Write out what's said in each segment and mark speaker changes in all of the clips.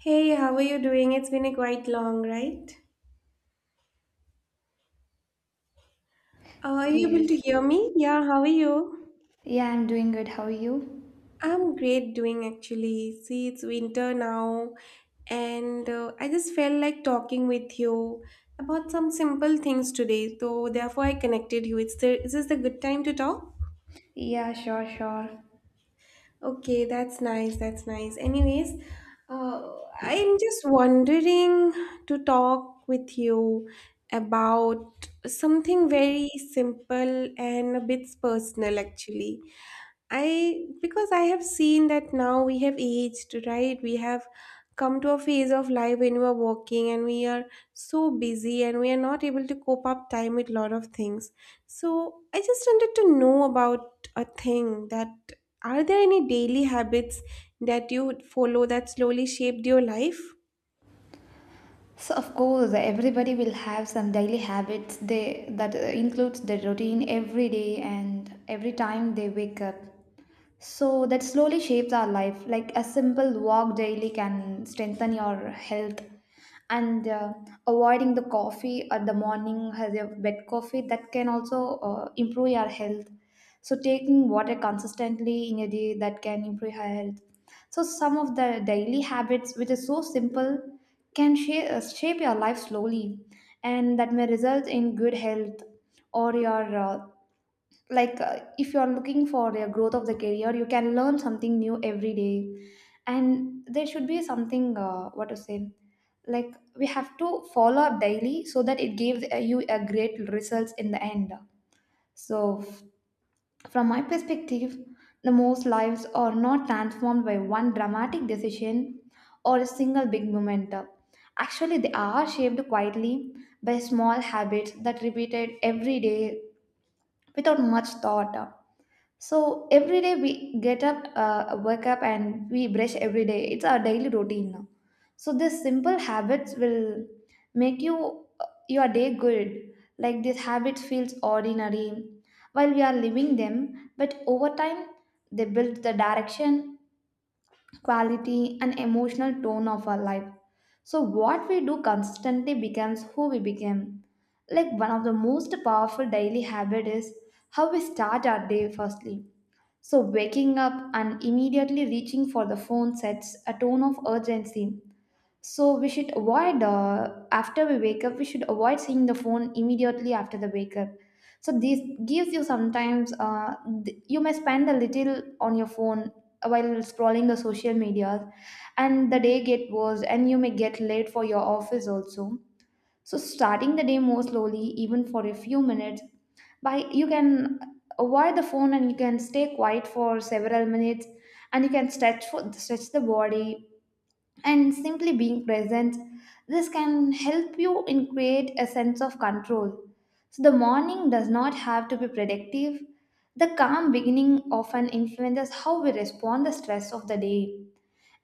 Speaker 1: Hey, how are you doing? It's been a quite long, right? Are you able to
Speaker 2: Yes.
Speaker 1: hear me? Yeah, how are you?
Speaker 2: Yeah, I'm doing good. How are you?
Speaker 1: I'm great doing actually. See, it's winter now, and I just felt like talking with you about some simple things today. So therefore, I connected you. Is this the good time to talk?
Speaker 2: Yeah, sure, sure.
Speaker 1: Okay, that's nice. That's nice. Anyways, uh, I'm just wondering to talk with you about something very simple and a bit personal, actually. I because I have seen that now we have aged, right? We have come to a phase of life when we are working and we are so busy and we are not able to cope up time with lot of things. So I just wanted to know about a thing that are there any daily habits that you follow that slowly shaped your life?
Speaker 2: So of course, everybody will have some daily habits they that includes their routine every day and every time they wake up. So that slowly shapes our life. Like a simple walk daily can strengthen your health, and avoiding the coffee at the morning has your bed coffee that can also improve your health. So taking water consistently in a day that can improve your health. So some of the daily habits, which is so simple, can shape your life slowly, and that may result in good health or your if you are looking for your growth of the career, you can learn something new every day, and there should be something what to say, like we have to follow up daily so that it gives you a great results in the end. So from my perspective, the most lives are not transformed by one dramatic decision or a single big moment. Actually, they are shaped quietly by small habits that repeated every day without much thought. So every day we get up, wake up, and we brush every day. It's our daily routine now. So these simple habits will make your day good. Like these habits feels ordinary while we are living them, but over time they build the direction, quality, and emotional tone of our life. So what we do consistently becomes who we become. Like one of the most powerful daily habit is how we start our day firstly. So, waking up and immediately reaching for the phone sets a tone of urgency. So, we should avoid after we wake up, we should avoid seeing the phone immediately after the wake up. So, this gives you sometimes, you may spend a little on your phone while scrolling the social media, and the day get worse, and you may get late for your office also. So, starting the day more slowly, even for a few minutes, by you can avoid the phone and you can stay quiet for several minutes, and you can stretch the body and simply being present, this can help you in create a sense of control. So the morning does not have to be predictive. The calm beginning often influences how we respond the stress of the day,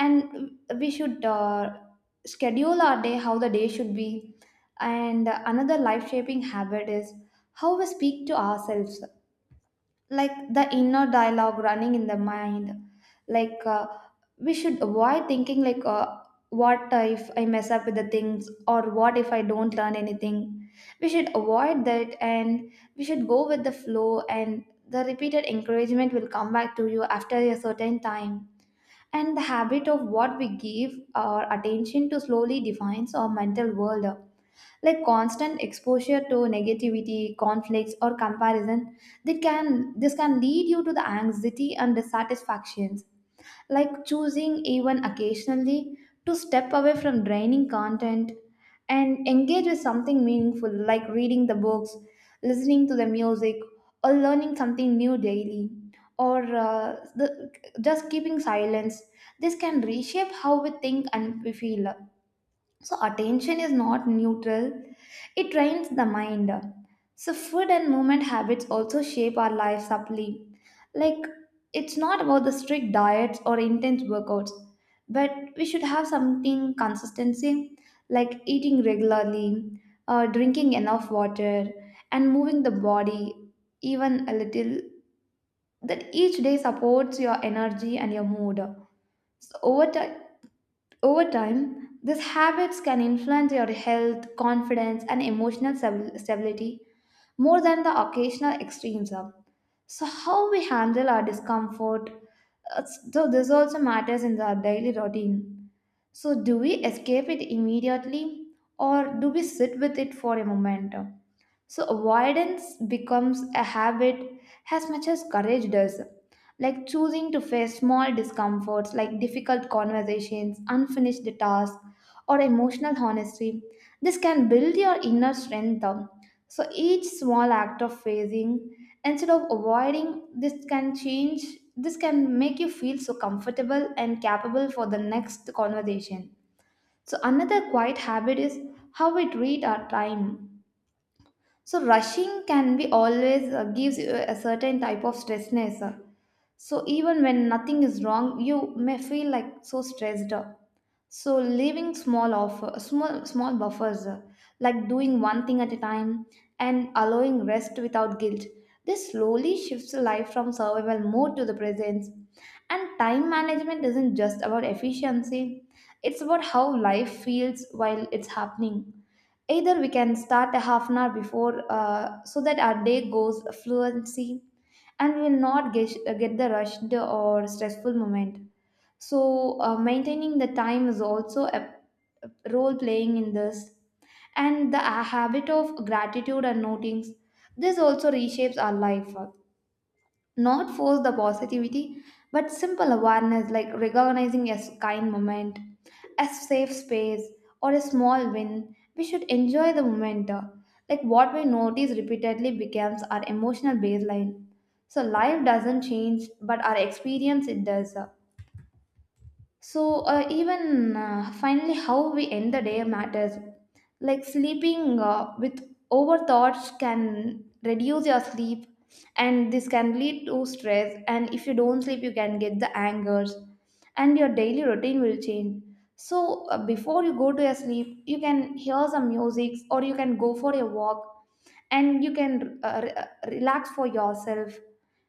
Speaker 2: and we should schedule our day how the day should be. And another life shaping habit is how we speak to ourselves, like the inner dialogue running in the mind. Like we should avoid thinking like what if I mess up with the things, or what if I don't learn anything? We should avoid that, and we should go with the flow, and the repeated encouragement will come back to you after a certain time. And the habit of what we give our attention to slowly defines our mental world. Like constant exposure to negativity conflicts or comparison, that can this can lead you to the anxiety and dissatisfactions. Like choosing even occasionally to step away from draining content and engage with something meaningful, like reading the books, listening to the music, or learning something new daily, or just keeping silence, this can reshape how we think and we feel. So, attention is not neutral, it trains the mind. So, food and movement habits also shape our lives subtly. Like, it's not about the strict diets or intense workouts, but we should have something consistency, like eating regularly, drinking enough water, and moving the body even a little. That each day supports your energy and your mood. So, over time, these habits can influence your health, confidence, and stability more than the occasional extremes are. So, how we handle our discomfort, uh, so this also matters in our daily routine. So, do we escape it immediately, or do we sit with it for a moment? So avoidance becomes a habit as much as courage does. Like choosing to face small discomforts, like difficult conversations, unfinished tasks, or emotional honesty. This can build your inner strength up. So each small act of facing instead of avoiding this can change this can make you feel so comfortable and capable for the next conversation. So another quiet habit is how we treat our time. So rushing can be always gives you a certain type of stressness. So even when nothing is wrong, you may feel like so stressed. So leaving small buffers, like doing one thing at a time and allowing rest without guilt. This slowly shifts life from survival mode to the presence. And time management isn't just about efficiency; it's about how life feels while it's happening. Either we can start a half an hour before so that our day goes fluency, and we will not get the rushed or stressful moment. So, maintaining the time is also a role playing in this. And the habit of gratitude and notings, this also reshapes our life, not force the positivity but simple awareness, like recognizing a kind moment, a safe space, or a small win. We should enjoy the moment, like what we notice repeatedly becomes our emotional baseline. So life doesn't change, but our experience it does. So, even finally, how we end the day matters. Like sleeping with overthoughts can reduce your sleep, and this can lead to stress. And if you don't sleep, you can get the angers, and your daily routine will change. So, before you go to your sleep, you can hear some music, or you can go for a walk, and you can relax for yourself,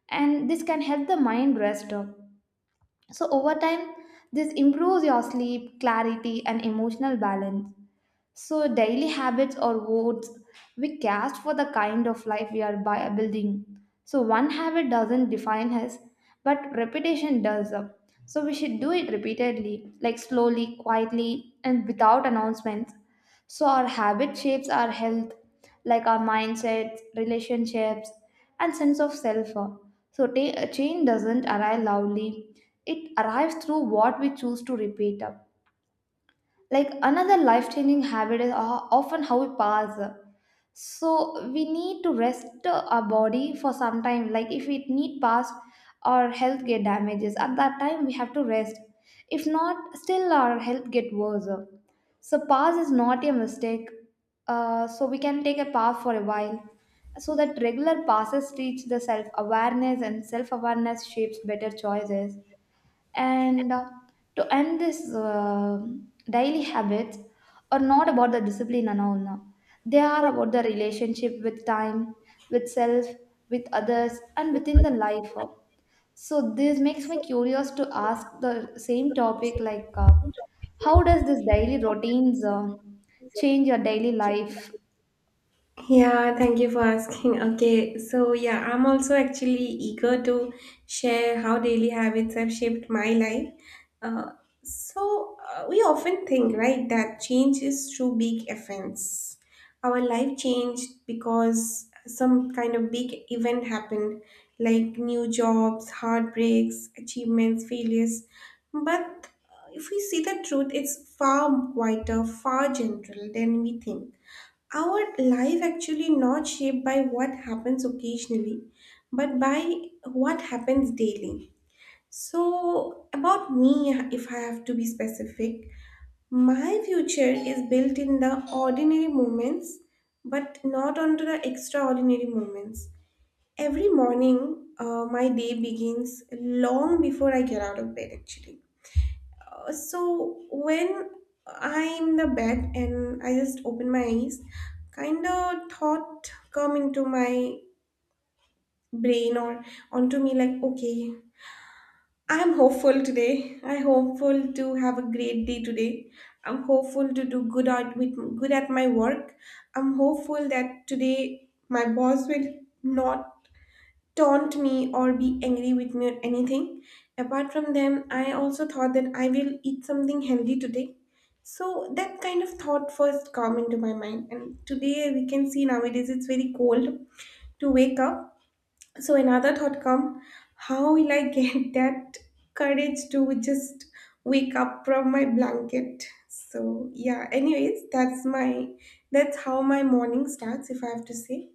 Speaker 2: and this can help the mind rest. So, over time, this improves your sleep, clarity, and emotional balance. So, daily habits or votes we cast for the kind of life we are by building. So, one habit doesn't define us, but repetition does. So, we should do it repeatedly, like slowly, quietly, and without announcements. So, our habit shapes our health, like our mindsets, relationships, and sense of self. So, change doesn't arrive loudly, it arrives through what we choose to repeat. Like another life changing habit is often how we pass. So we need to rest our body for some time. Like if we need pass, our health get damages. At that time, we have to rest. If not, still our health get worse. So pass is not a mistake. So we can take a pass for a while. So that regular passes teach the self awareness, and self awareness shapes better choices. And to end this, daily habits are not about the discipline and all now. They are about the relationship with time, with self, with others, and within the life. So this makes me curious to ask the same topic, how does this daily routines change your daily life?
Speaker 1: Yeah, thank you for asking. Okay, so yeah, I'm also actually eager to share how daily habits have shaped my life. Uh, so, we often think, right, that change is through big events. Our life changed because some kind of big event happened, like new jobs, heartbreaks, achievements, failures. But if we see the truth, it's far quieter, far general than we think. Our life actually not shaped by what happens occasionally, but by what happens daily. So about me, if I have to be specific, my future is built in the ordinary moments, but not onto the extraordinary moments. Every morning, my day begins long before I get out of bed actually. So when I'm in the bed and I just open my eyes, kind of thought come into my brain or onto me like, okay, I'm hopeful today. I'm hopeful to have a great day today. I'm hopeful to do good at with good at my work. I'm hopeful that today my boss will not taunt me or be angry with me or anything. Apart from them, I also thought that I will eat something healthy today. So that kind of thought first come into my mind. And today we can see nowadays it's very cold to wake up. So another thought come, how will I get that courage to just wake up from my blanket? So yeah, anyways, that's how my morning starts if I have to say.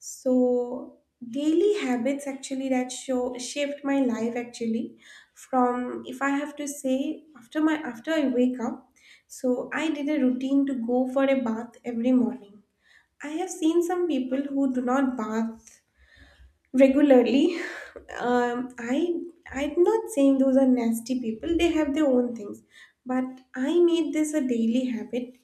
Speaker 1: So daily habits actually that show shaped my life actually from, if I have to say, after my after I wake up, so I did a routine to go for a bath every morning. I have seen some people who do not bath regularly. Um, I I'm not saying those are nasty people. They have their own things, but I made this a daily habit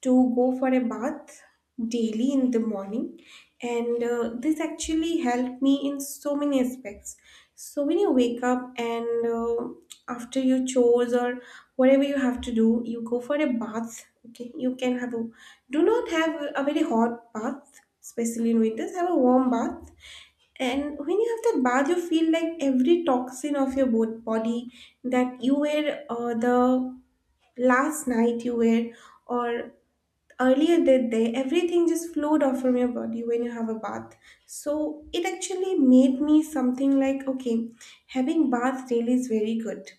Speaker 1: to go for a bath daily in the morning, and this actually helped me in so many aspects. So when you wake up and, after your chores or whatever you have to do, you go for a bath. Okay, you can have a do not have a very hot bath, especially in winters, have a warm bath. And when you have that bath, you feel like every toxin of your body that you were, the last night you were, or earlier that day, everything just flowed off from your body when you have a bath. So it actually made me something like, okay, having bath really is very good.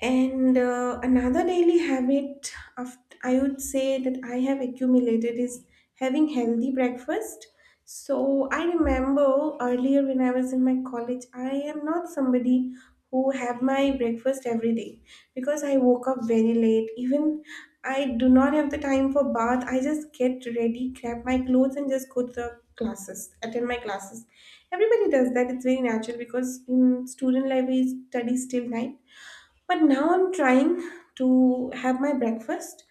Speaker 1: And another daily habit of, I would say, that I have accumulated is having healthy breakfast. So I remember earlier when I was in my college, I am not somebody who have my breakfast every day because I woke up very late. Even I do not have the time for bath. I just get ready, grab my clothes, and just go to the classes, attend my classes. Everybody does that. It's very natural because in student life we study till night. But now I'm trying to have my breakfast.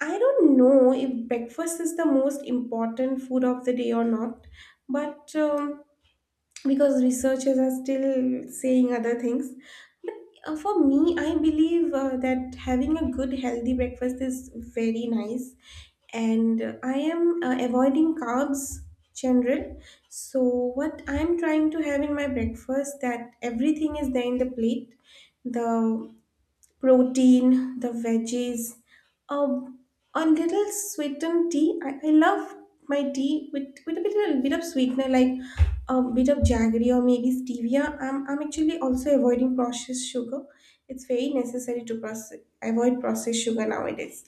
Speaker 1: I don't know if breakfast is the most important food of the day or not, but because researchers are still saying other things. But for me, I believe that having a good, healthy breakfast is very nice, and I am avoiding carbs general. So what I'm trying to have in my breakfast that everything is there in the plate, the protein, the veggies, um, a little sweetened tea. I love my tea with, a bit, of sweetener, like a bit of jaggery or maybe stevia. I'm actually also avoiding processed sugar. It's very necessary to avoid processed sugar nowadays.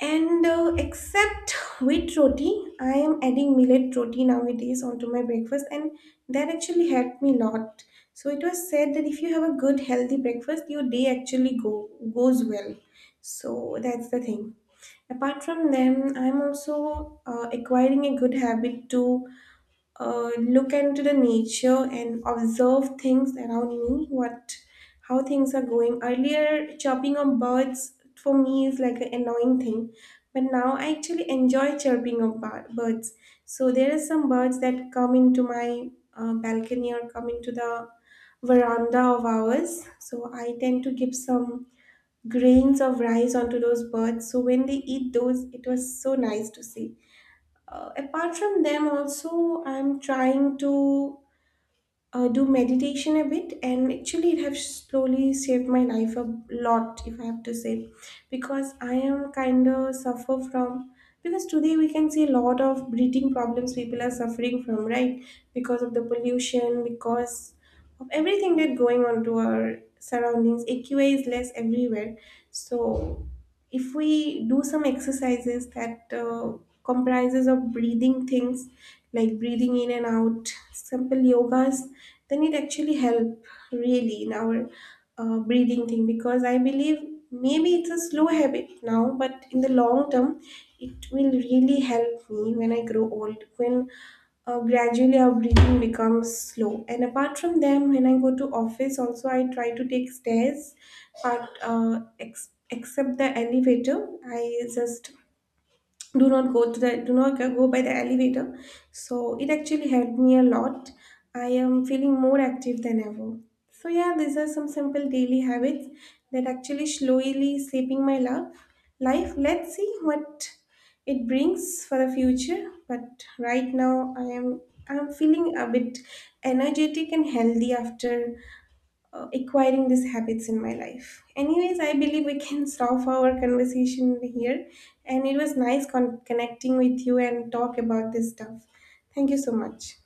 Speaker 1: And except wheat roti, I am adding millet roti nowadays onto my breakfast, and that actually helped me lot. So it was said that if you have a good healthy breakfast, your day actually go goes well. So that's the thing. Apart from them, I'm also acquiring a good habit to look into the nature and observe things around me, what how things are going. Earlier, chirping of birds for me is like an annoying thing, but now I actually enjoy chirping of birds. So there are some birds that come into my balcony or come into the veranda of ours, so I tend to give some grains of rice onto those birds. So when they eat those, it was so nice to see. Apart from them, also, I'm trying to do meditation a bit, and actually, it has slowly saved my life a lot, if I have to say, because I am kind of suffer from. Because today we can see a lot of breathing problems people are suffering from, right? Because of the pollution, because of everything that going on to our surroundings. AQI is less everywhere, so if we do some exercises that comprises of breathing things, like breathing in and out, simple yogas, then it actually help really in our breathing thing. Because I believe maybe it's a slow habit now, but in the long term, it will really help me when I grow old, when gradually our breathing becomes slow. And apart from them, when I go to office also, I try to take stairs, but except the elevator, I just do not go by the elevator. So it actually helped me a lot. I am feeling more active than ever. So yeah, these are some simple daily habits that actually slowly shaping my life. Let's see what it brings for the future, but right now I'm feeling a bit energetic and healthy after acquiring these habits in my life. Anyways, I believe we can stop our conversation here. And it was nice connecting with you and talk about this stuff. Thank you so much.